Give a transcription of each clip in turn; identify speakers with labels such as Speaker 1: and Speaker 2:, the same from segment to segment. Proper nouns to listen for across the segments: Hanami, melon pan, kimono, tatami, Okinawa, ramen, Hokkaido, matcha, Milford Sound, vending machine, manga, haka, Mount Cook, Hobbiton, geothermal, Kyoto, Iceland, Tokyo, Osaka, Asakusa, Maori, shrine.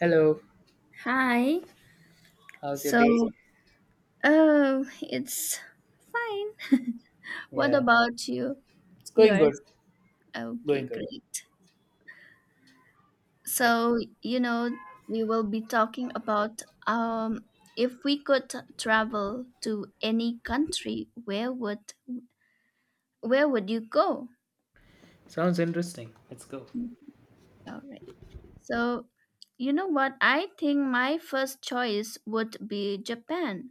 Speaker 1: Hello,
Speaker 2: Hi.
Speaker 1: how's your day?
Speaker 2: So, oh, it's fine. What
Speaker 1: Yeah,
Speaker 2: about you?
Speaker 1: it's going good.
Speaker 2: Yours? Okay,
Speaker 1: Going good.
Speaker 2: great.
Speaker 1: Yep.
Speaker 2: So, you know, we will be talking about um if we could travel to any country, where would you go?
Speaker 1: Sounds interesting. Let's go.
Speaker 2: All right. So, you know what? I think my first choice would be Japan.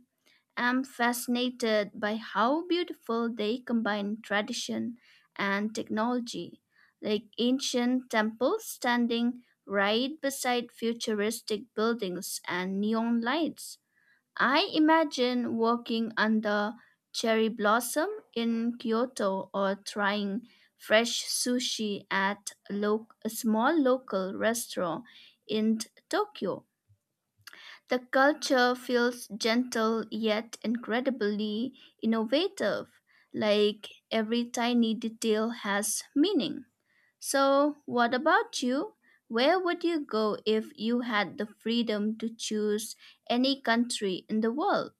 Speaker 2: I am fascinated by how beautiful they combine tradition and technology, like ancient temples standing right beside futuristic buildings and neon lights. I imagine walking under cherry blossom in Kyoto or trying fresh sushi at a small local restaurant in Tokyo. The culture feels gentle yet incredibly innovative, like every tiny detail has meaning. So, what about you? Where would you go if you had the freedom to choose any country in the world?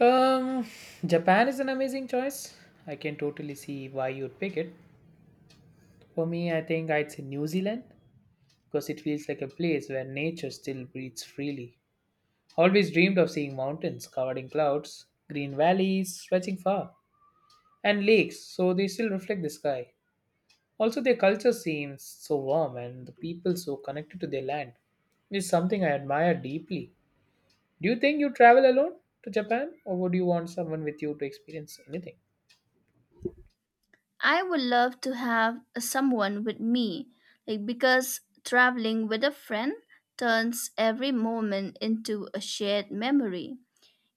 Speaker 1: Um, Japan is an amazing choice. I can totally see why you'd pick it. For me, I think I'd say New Zealand because it feels like a place where nature still breathes freely. Always dreamed of seeing mountains covered in clouds, green valleys stretching far, and lakes so they still reflect the sky. Also, their culture seems so warm and the people so connected to their land. It's something I admire deeply. Do you think you travel alone to Japan or would you want someone with you to experience anything?
Speaker 2: I would love to have someone with me, like because traveling with a friend turns every moment into a shared memory.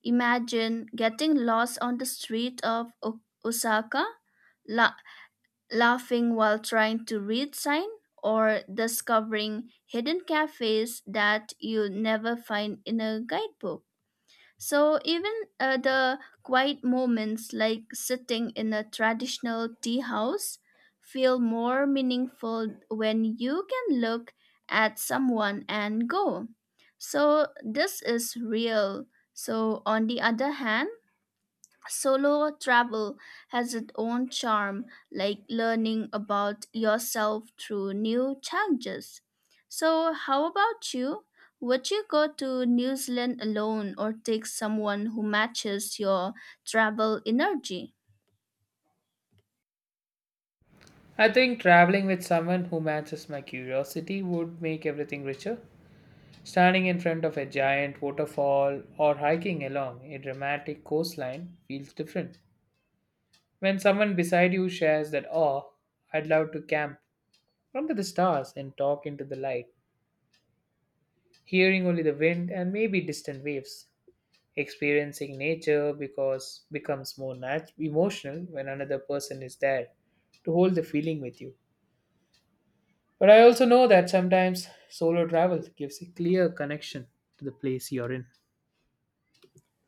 Speaker 2: Imagine getting lost on the street of Osaka, la- laughing while trying to read sign, or discovering hidden cafes that you'll never find in a guidebook. So even the quiet moments like sitting in a traditional tea house feel more meaningful when you can look at someone and go. So this is real. So on the other hand, solo travel has its own charm, like learning about yourself through new challenges. So, how about you? Would you go to New Zealand alone or take someone who matches your travel energy?
Speaker 1: I think traveling with someone who matches my curiosity would make everything richer. Standing in front of a giant waterfall or hiking along a dramatic coastline feels different. When someone beside you shares that awe, I'd love to camp under the stars and talk into the light. Hearing only the wind and maybe distant waves. Experiencing nature because becomes more emotional when another person is there to hold the feeling with you. But I also know that sometimes solo travel gives a clear connection to the place you're in.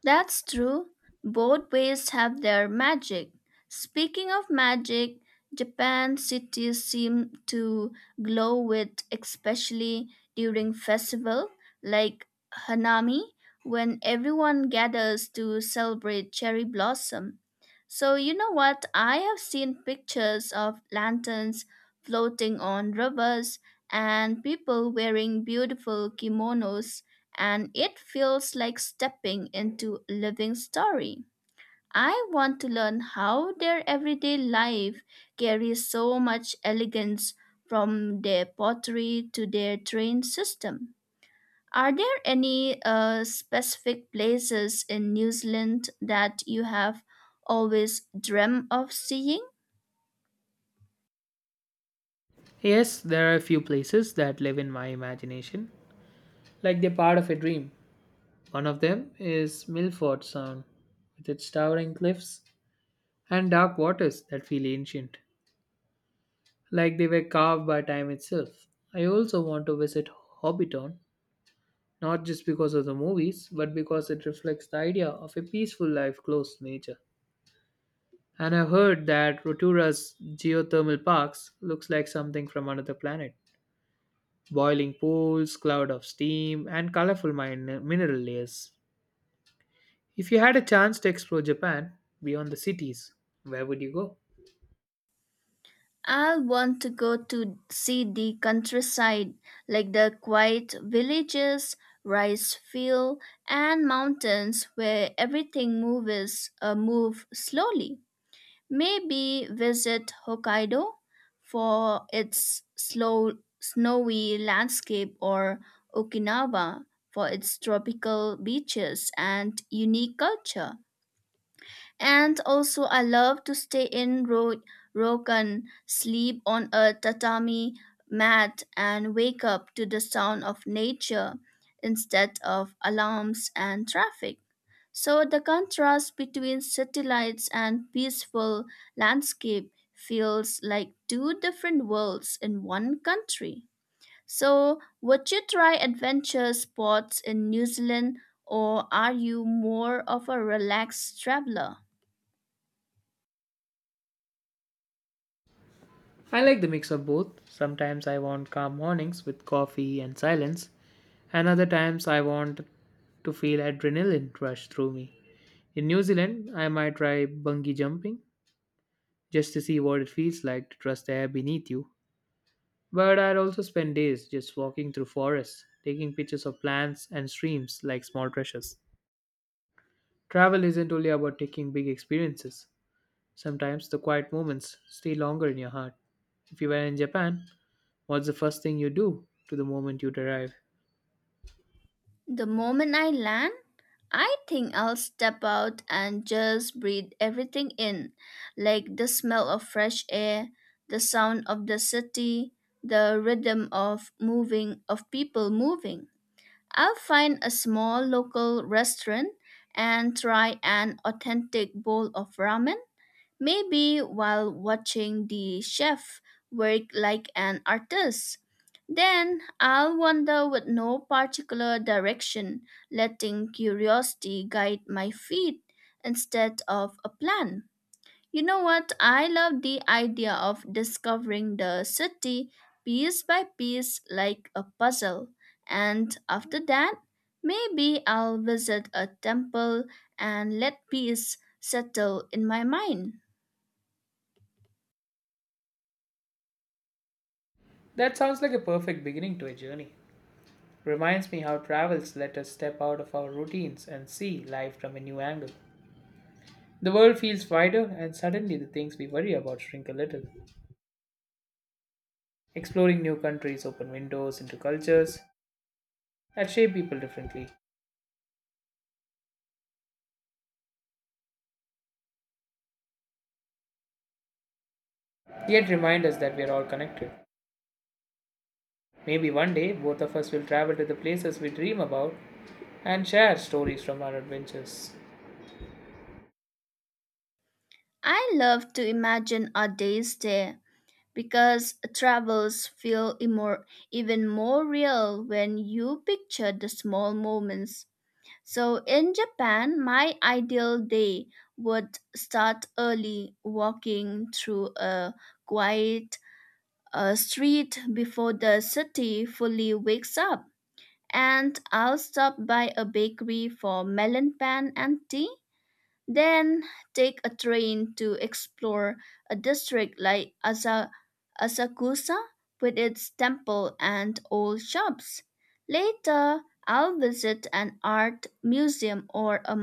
Speaker 2: That's true. Both ways have their magic. Speaking of magic, Japan cities seem to glow with especially during festival like Hanami when everyone gathers to celebrate cherry blossom. So you know what? I have seen pictures of lanterns floating on rivers and people wearing beautiful kimonos and it feels like stepping into a living story. I want to learn how their everyday life carries so much elegance from their pottery to their train system. Are there any specific places in New Zealand that you have always dreamt of seeing?
Speaker 1: Yes, there are a few places that live in my imagination, like they're part of a dream. One of them is Milford Sound, with its towering cliffs and dark waters that feel ancient, like they were carved by time itself. I also want to visit Hobbiton, not just because of the movies, but because it reflects the idea of a peaceful life close to nature. And I heard that Rotura's geothermal parks looks like something from another planet. Boiling pools, cloud of steam, and colorful mineral layers. If you had a chance to explore Japan beyond the cities, where would you go?
Speaker 2: I'll want to go to see the countryside, like the quiet villages, rice field, and mountains where everything move slowly. Maybe visit Hokkaido for its slow snowy landscape or Okinawa for its tropical beaches and unique culture. And also, I love to stay in Rokan, sleep on a tatami mat, and wake up to the sound of nature instead of alarms and traffic. So, the contrast between city lights and peaceful landscape feels like two different worlds in one country. So, would you try adventure sports in New Zealand, or are you more of a relaxed traveler?
Speaker 1: I like the mix of both. Sometimes I want calm mornings with coffee and silence, and other times I want to feel adrenaline rush through me. In New Zealand, I might try bungee jumping just to see what it feels like to trust the air beneath you. But I'd also spend days just walking through forests, taking pictures of plants and streams like small treasures. Travel isn't only about taking big experiences. Sometimes the quiet moments stay longer in your heart. If you were in Japan, what's the first thing you do to the moment you arrive?
Speaker 2: The moment I land, I think I'll step out and just breathe everything in, like the smell of fresh air, the sound of the city, the rhythm of people moving. I'll find a small local restaurant and try an authentic bowl of ramen, maybe while watching the chef work like an artist. Then I'll wander with no particular direction, letting curiosity guide my feet instead of a plan. You know what? I love the idea of discovering the city piece by piece like a puzzle. And after that, maybe I'll visit a temple and let peace settle in my mind.
Speaker 1: That sounds like a perfect beginning to a journey. Reminds me how travels let us step out of our routines and see life from a new angle. The world feels wider, and suddenly the things we worry about shrink a little. Exploring new countries open windows into cultures that shape people differently, yet remind us that we are all connected. Maybe one day both of us will travel to the places we dream about and share stories from our adventures.
Speaker 2: I love to imagine our days there because travels feel even more real when you picture the small moments. So, in Japan, my ideal day would start early, walking through a quiet street before the city fully wakes up. And I'll stop by a bakery for melon pan and tea then take a train to explore a district like Asakusa with its temple and old shops. Later, I'll visit an art museum or a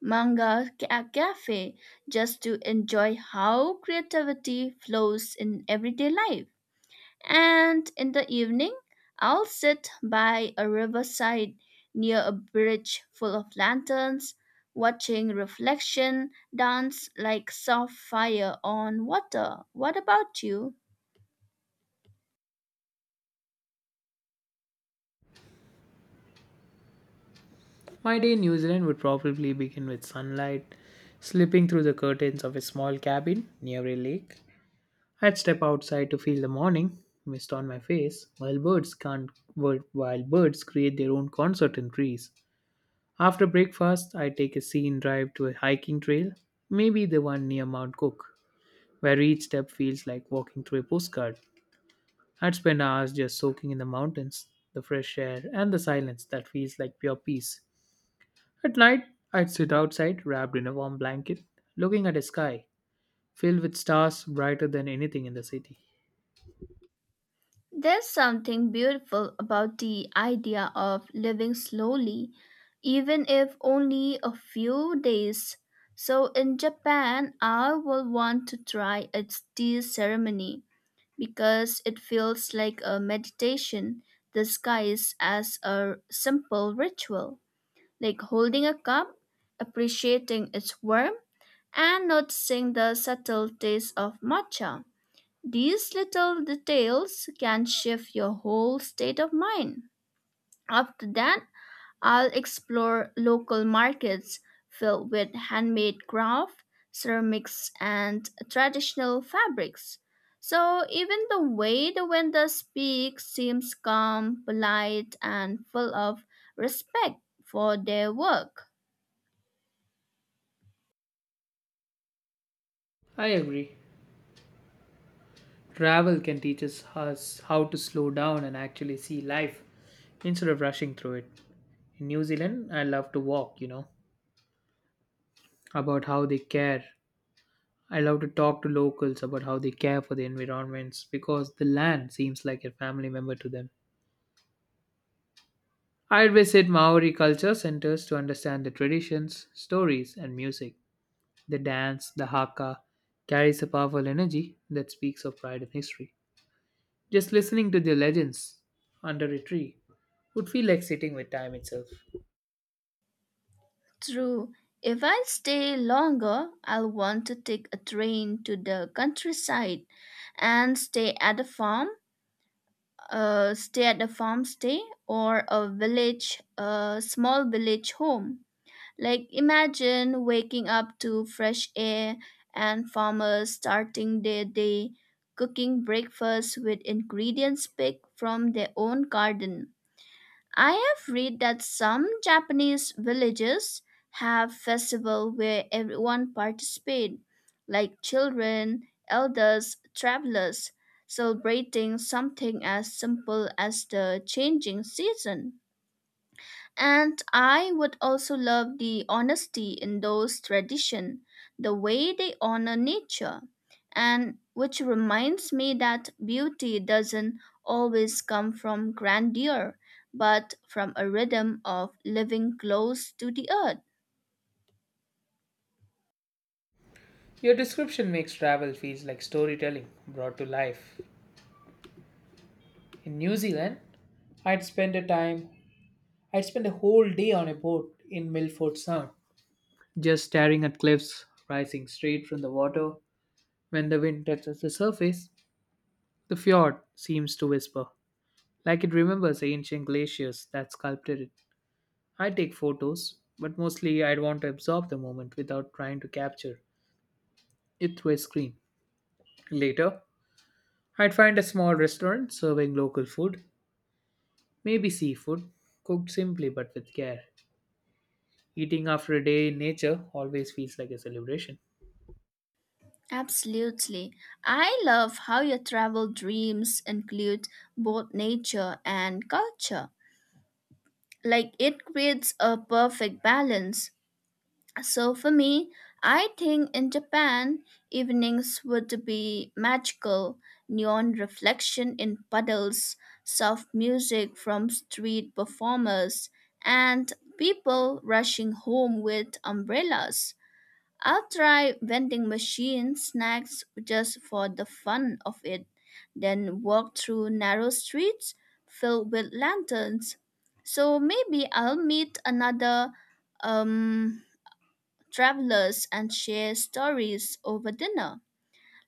Speaker 2: manga cafe just to enjoy how creativity flows in everyday life. And in the evening, I'll sit by a riverside near a bridge full of lanterns, watching reflection dance like soft fire on water. What about you?
Speaker 1: My day in New Zealand would probably begin with sunlight slipping through the curtains of a small cabin near a lake. I'd step outside to feel the morning mist on my face, while birds can't while birds create their own concert in trees. After breakfast, I take a scene drive to a hiking trail, maybe the one near Mount Cook, where each step feels like walking through a postcard. I'd spend hours just soaking in the mountains, the fresh air, and the silence that feels like pure peace. At night, I'd sit outside, wrapped in a warm blanket, looking at a sky filled with stars brighter than anything in the city.
Speaker 2: There's something beautiful about the idea of living slowly, even if only a few days. So in Japan, I will want to try a tea ceremony because it feels like a meditation disguised as a simple ritual, like holding a cup, appreciating its warmth, and noticing the subtle taste of matcha. These little details can shift your whole state of mind. After that, I'll explore local markets filled with handmade craft, ceramics, and traditional fabrics. So even the way the vendor speaks seems calm, polite, and full of respect for their work.
Speaker 1: I agree. Travel can teach us how to slow down and actually see life instead of rushing through it. In New Zealand, I love to walk, you know, about how they care. I love to talk to locals about how they care for the environments because the land seems like a family member to them. I visit Maori culture centers to understand the traditions, stories, and music. The dance, the haka, carries a powerful energy that speaks of pride and history. Just listening to the legends under a tree would feel like sitting with time itself.
Speaker 2: True. If I stay longer, I'll want to take a train to the countryside and stay at a farm stay at a farm stay or a small village home, like imagine waking up to fresh air and farmers starting their day cooking breakfast with ingredients picked from their own garden. I have read that some Japanese villages have festival where everyone participate, like children, elders, travelers, celebrating something as simple as the changing season. And I would also love the honesty in those tradition, the way they honor nature, and which reminds me that beauty doesn't always come from grandeur, but from a rhythm of living close to the earth.
Speaker 1: Your description makes travel feels like storytelling brought to life. In New Zealand, I'd spend a time I'd spend a whole day on a boat in Milford Sound, just staring at cliffs rising straight from the water. When the wind touches the surface, the fjord seems to whisper, like it remembers ancient glaciers that sculpted it. I take photos, but mostly I'd want to absorb the moment without trying to capture it through a screen. Later, I'd find a small restaurant serving local food, maybe seafood, cooked simply but with care. Eating after a day in nature always feels like a celebration.
Speaker 2: Absolutely. I love how your travel dreams include both nature and culture, like it creates a perfect balance. So for me, I think in Japan, evenings would be magical, neon reflection in puddles, soft music from street performers, and people rushing home with umbrellas. I'll try vending machine snacks just for the fun of it, then walk through narrow streets filled with lanterns. So maybe I'll meet another um travelers and share stories over dinner.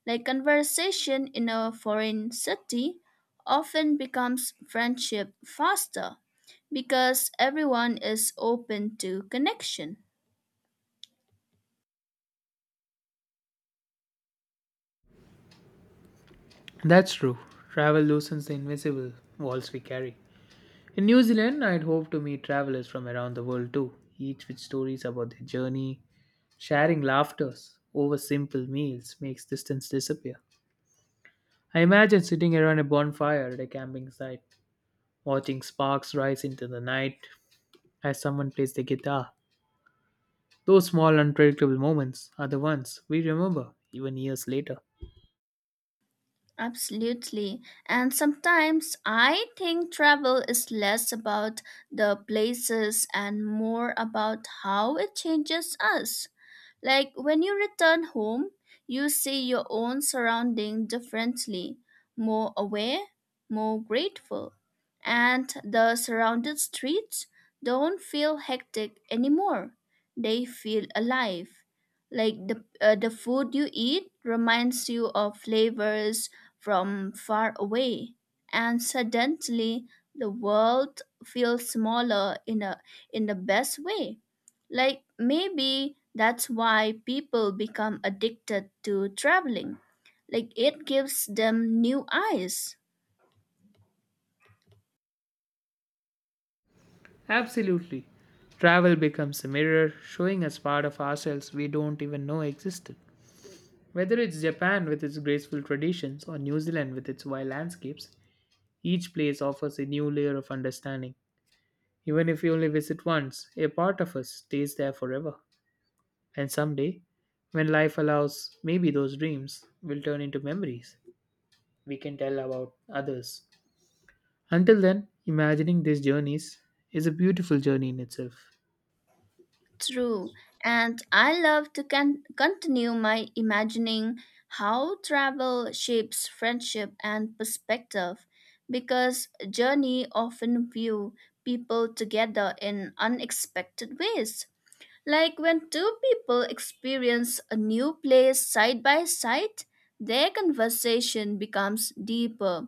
Speaker 2: Like conversation in a foreign city often becomes friendship faster because everyone is open to connection.
Speaker 1: That's true. Travel loosens the invisible walls we carry. In New Zealand, I'd hope to meet travelers from around the world too, each with stories about their journey. Sharing laughters over simple meals makes distance disappear. I imagine sitting around a bonfire at a camping site, watching sparks rise into the night as someone plays the guitar. Those small, unpredictable moments are the ones we remember even years later.
Speaker 2: Absolutely. And sometimes I think travel is less about the places and more about how it changes us. Like when you return home, you see your own surrounding differently, more aware, more grateful. And the surrounded streets don't feel hectic anymore. They feel alive. Like the food you eat reminds you of flavors from far away, and suddenly the world feels smaller in the best way. Like maybe that's why people become addicted to traveling. Like it gives them new eyes.
Speaker 1: Absolutely. Travel becomes a mirror, showing us part of ourselves we don't even know existed. Whether it's Japan with its graceful traditions or New Zealand with its wild landscapes, each place offers a new layer of understanding. Even if we only visit once, a part of us stays there forever. And someday, when life allows, maybe those dreams will turn into memories we can tell about others. Until then, imagining these journeys is a beautiful journey in itself.
Speaker 2: True, and I love to continue my imagining how travel shapes friendship and perspective because journey often view people together in unexpected ways. Like when two people experience a new place side by side, their conversation becomes deeper.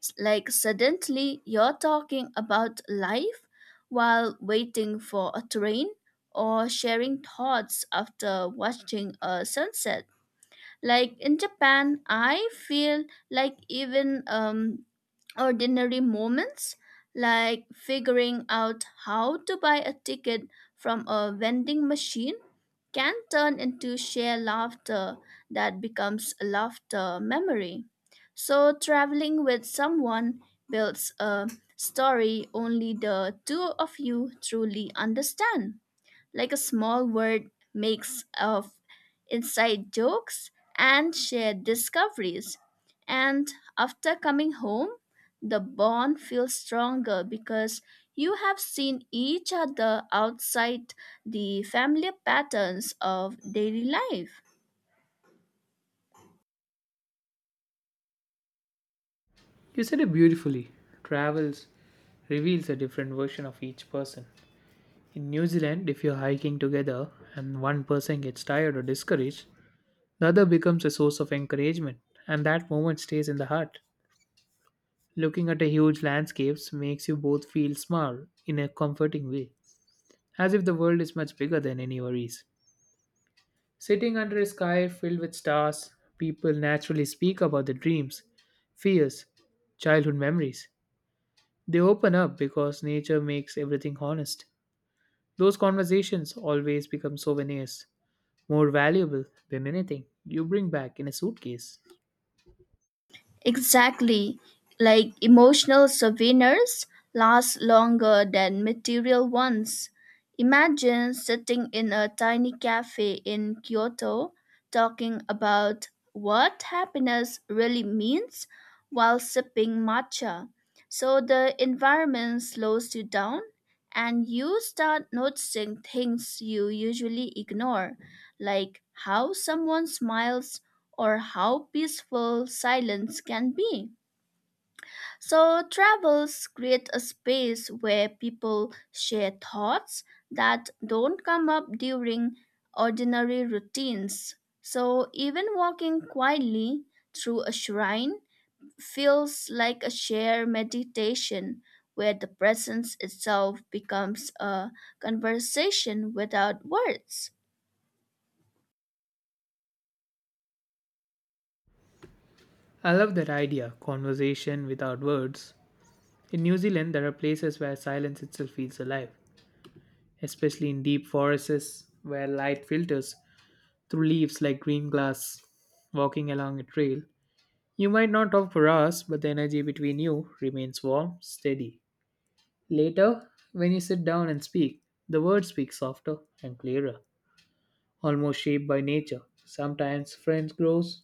Speaker 2: Like suddenly you're talking about life while waiting for a train or sharing thoughts after watching a sunset. Like in Japan, I feel like even ordinary moments like figuring out how to buy a ticket from a vending machine can turn into shared laughter that becomes a laughter memory. So, traveling with someone builds a story only the two of you truly understand, like a small word makes of inside jokes and shared discoveries. And after coming home, the bond feels stronger because you have seen each other outside the familiar patterns of daily life.
Speaker 1: You said it beautifully. Travels reveals a different version of each person. In New Zealand, if you're hiking together and one person gets tired or discouraged, the other becomes a source of encouragement, and that moment stays in the heart. Looking at a huge landscapes makes you both feel small in a comforting way, as if the world is much bigger than any worries. Sitting under a sky filled with stars, people naturally speak about their dreams, fears, childhood memories. They open up because nature makes everything honest. Those conversations always become souvenirs, more valuable than anything you bring back in a suitcase.
Speaker 2: Exactly. Like emotional souvenirs last longer than material ones. Imagine sitting in a tiny cafe in Kyoto talking about what happiness really means while sipping matcha. So the environment slows you down and you start noticing things you usually ignore, like how someone smiles or how peaceful silence can be. So, travels create a space where people share thoughts that don't come up during ordinary routines. So, even walking quietly through a shrine feels like a shared meditation where the presence itself becomes a conversation without words.
Speaker 1: I love that idea, conversation without words. In New Zealand, there are places where silence itself feels alive, especially in deep forests where light filters through leaves like green glass. Walking along a trail, you might not talk for hours, but the energy between you remains warm, steady. Later, when you sit down and speak, the words speak softer and clearer, almost shaped by nature.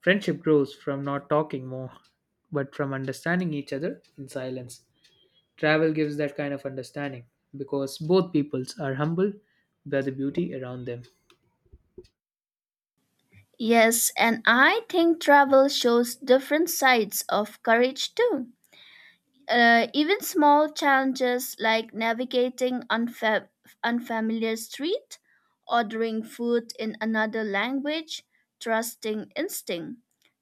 Speaker 1: Friendship grows from not talking more, but from understanding each other in silence. Travel gives that kind of understanding because both peoples are humbled by the beauty around them.
Speaker 2: Yes, and I think travel shows different sides of courage too. Even small challenges like navigating unfamiliar street, ordering food in another language, trusting instinct,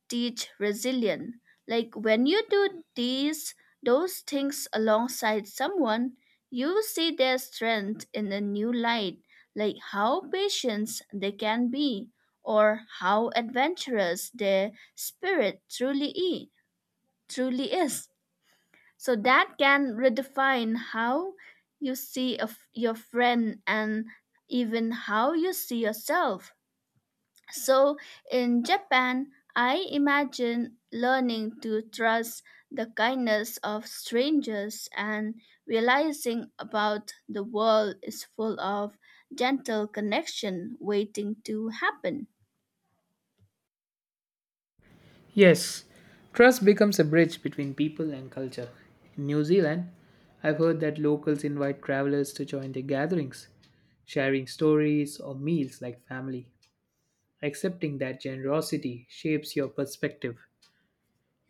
Speaker 2: teach resilience. Like when you do these those things alongside someone, you see their strength in a new light, like how patient they can be or how adventurous their spirit truly is. So that can redefine how you see your friend and even how you see yourself. So in Japan, I imagine learning to trust the kindness of strangers and realizing about the world is full of gentle connection waiting to happen.
Speaker 1: Yes, trust becomes a bridge between people and culture. In New Zealand, I've heard that locals invite travelers to join their gatherings, sharing stories or meals like family. Accepting that generosity shapes your perspective.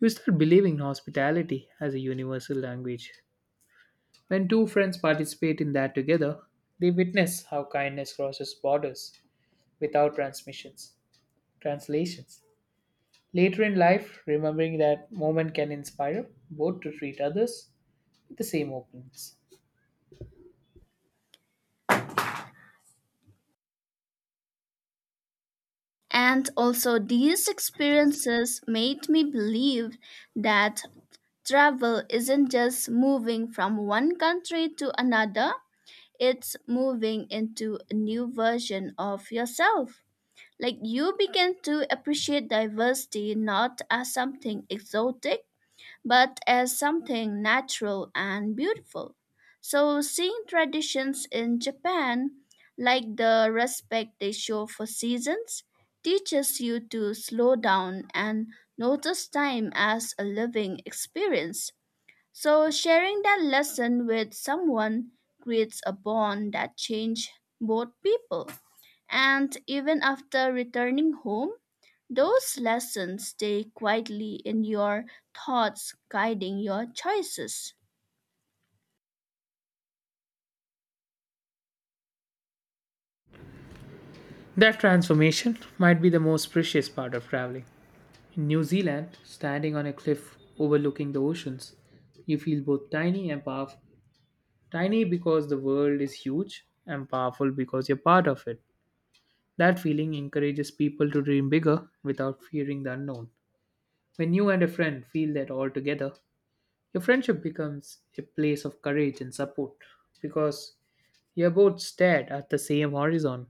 Speaker 1: You start believing in hospitality as a universal language. When two friends participate in that together, they witness how kindness crosses borders without transmissions, translations. Later in life, remembering that moment can inspire both to treat others with the same openness.
Speaker 2: And also, these experiences made me believe that travel isn't just moving from one country to another, it's moving into a new version of yourself. Like you begin to appreciate diversity not as something exotic, but as something natural and beautiful. So, seeing traditions in Japan, like the respect they show for seasons, teaches you to slow down and notice time as a living experience, so sharing that lesson with someone creates a bond that changes both people. And even after returning home, those lessons stay quietly in your thoughts, guiding your choices.
Speaker 1: That transformation might be the most precious part of traveling. In New Zealand, standing on a cliff overlooking the oceans, you feel both tiny and powerful. Tiny because the world is huge, and powerful because you're part of it. That feeling encourages people to dream bigger without fearing the unknown. When you and a friend feel that all together, your friendship becomes a place of courage and support because you both stared at the same horizon.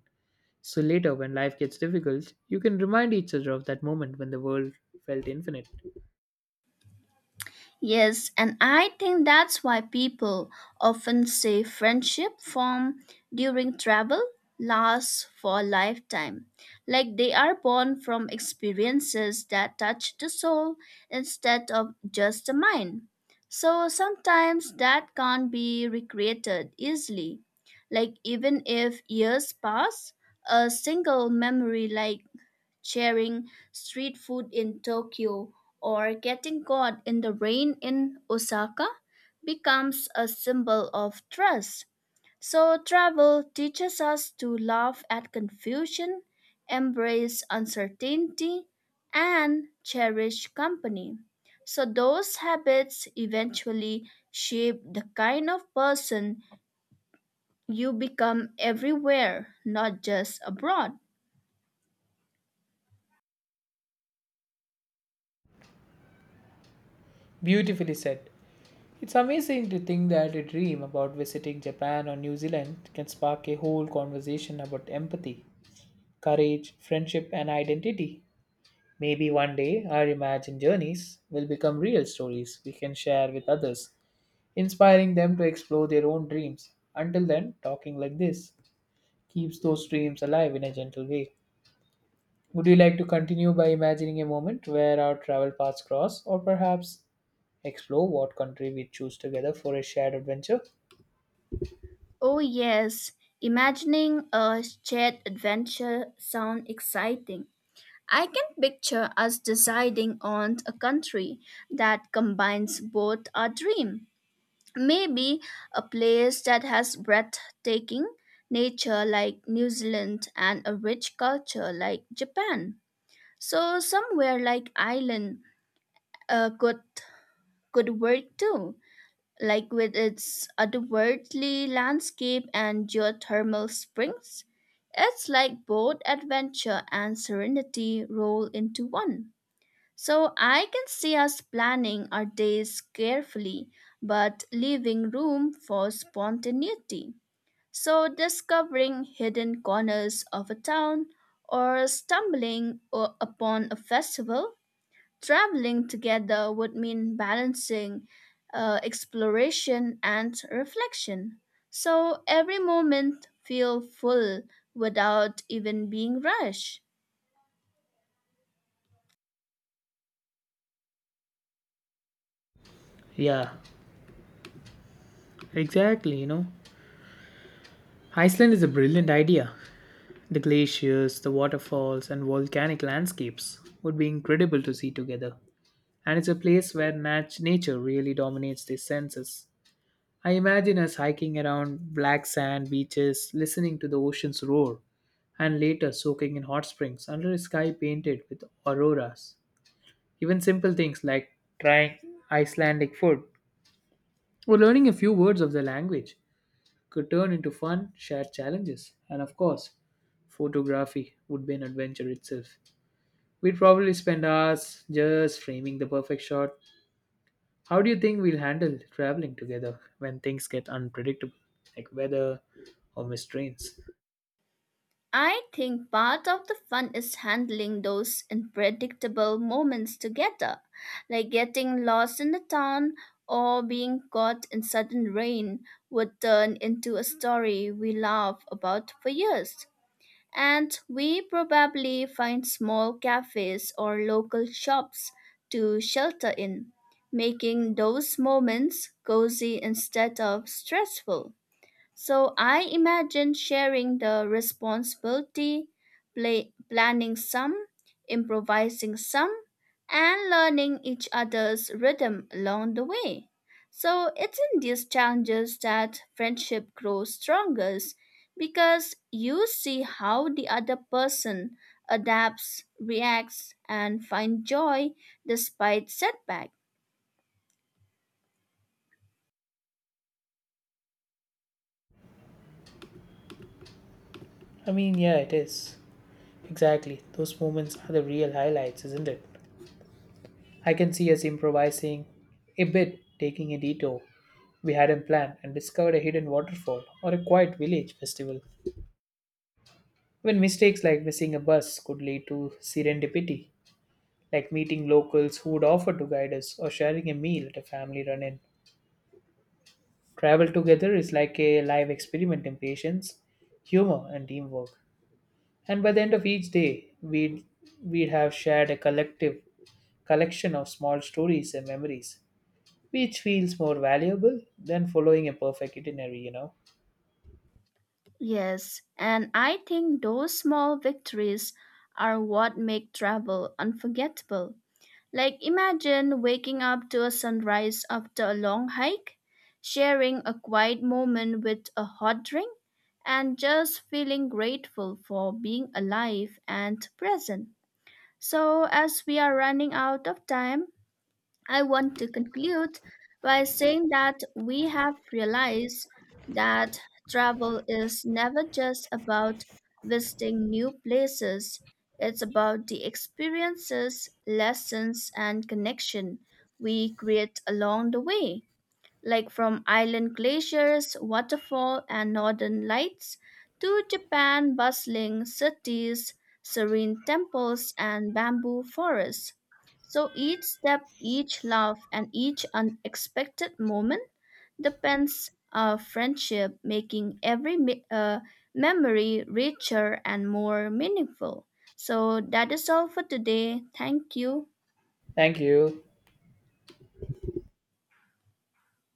Speaker 1: So later, when life gets difficult, you can remind each other of that moment when the world felt infinite.
Speaker 2: Yes, and I think that's why people often say friendship formed during travel lasts for a lifetime. Like they are born from experiences that touch the soul instead of just the mind. So sometimes that can't be recreated easily. Like even if years pass, a single memory like sharing street food in Tokyo or getting caught in the rain in Osaka becomes a symbol of trust. So, travel teaches us to laugh at confusion, embrace uncertainty, and cherish company. So, those habits eventually shape the kind of person you become everywhere, not just abroad.
Speaker 1: Beautifully said. It's amazing to think that a dream about visiting Japan or New Zealand can spark a whole conversation about empathy, courage, friendship, and identity. Maybe one day our imagined journeys will become real stories we can share with others, inspiring them to explore their own dreams. Until then, talking like this keeps those dreams alive in a gentle way. Would you like to continue by imagining a moment where our travel paths cross, or perhaps explore what country we choose together for a shared adventure?
Speaker 2: Oh, yes, imagining a shared adventure sounds exciting. I can picture us deciding on a country that combines both our dream. Maybe a place that has breathtaking nature like New Zealand and a rich culture like Japan. So somewhere like Ireland uh, could could work too, like with its otherworldly landscape and geothermal springs. It's like both adventure and serenity roll into one. So I can see us planning our days carefully, but leaving room for spontaneity. So discovering hidden corners of a town or stumbling upon a festival. Traveling together would mean balancing exploration and reflection. So every moment feel full without even being rushed.
Speaker 1: Yeah, exactly, you know. Iceland is a brilliant idea. The glaciers, the waterfalls, and volcanic landscapes would be incredible to see together. And it's a place where nature really dominates the senses. I imagine us hiking around black sand beaches, listening to the ocean's roar, and later soaking in hot springs under a sky painted with auroras. Even simple things like trying Icelandic food or learning a few words of the language could turn into fun, shared challenges. And of course, photography would be an adventure itself. We'd probably spend hours just framing the perfect shot. How do you think we'll handle traveling together when things get unpredictable, like weather or missed trains?
Speaker 2: I think part of the fun is handling those unpredictable moments together, like getting lost in the town or being caught in sudden rain would turn into a story we laugh about for years. And we probably find small cafes or local shops to shelter in, making those moments cozy instead of stressful. So I imagine sharing the responsibility, play, planning some, improvising some, and learning each other's rhythm along the way. So it's in these challenges that friendship grows strongest because you see how the other person adapts, reacts, and finds joy despite setbacks.
Speaker 1: I mean, yeah, it is. Exactly. Those moments are the real highlights, isn't it? I can see us improvising a bit, taking a detour we hadn't planned and discovered a hidden waterfall or a quiet village festival. When mistakes like missing a bus could lead to serendipity, like meeting locals who would offer to guide us or sharing a meal at a family run in. Travel together is like a live experiment in patience, humor, and teamwork. And by the end of each day, we'd have shared a collective collection of small stories and memories, which feels more valuable than following a perfect itinerary, you know.
Speaker 2: Yes, and I think those small victories are what make travel unforgettable. Like imagine waking up to a sunrise after a long hike, sharing a quiet moment with a hot drink, and just feeling grateful for being alive and present. So, as we are running out of time, I want to conclude by saying that we have realized that travel is never just about visiting new places. It's about the experiences, lessons, and connection we create along the way, like from island glaciers, waterfall, and northern lights, to Japan bustling cities, serene temples, and bamboo forests. So each step, each love, and each unexpected moment depends on friendship, making memory richer and more meaningful. So that is all for today. Thank you.
Speaker 1: Thank you.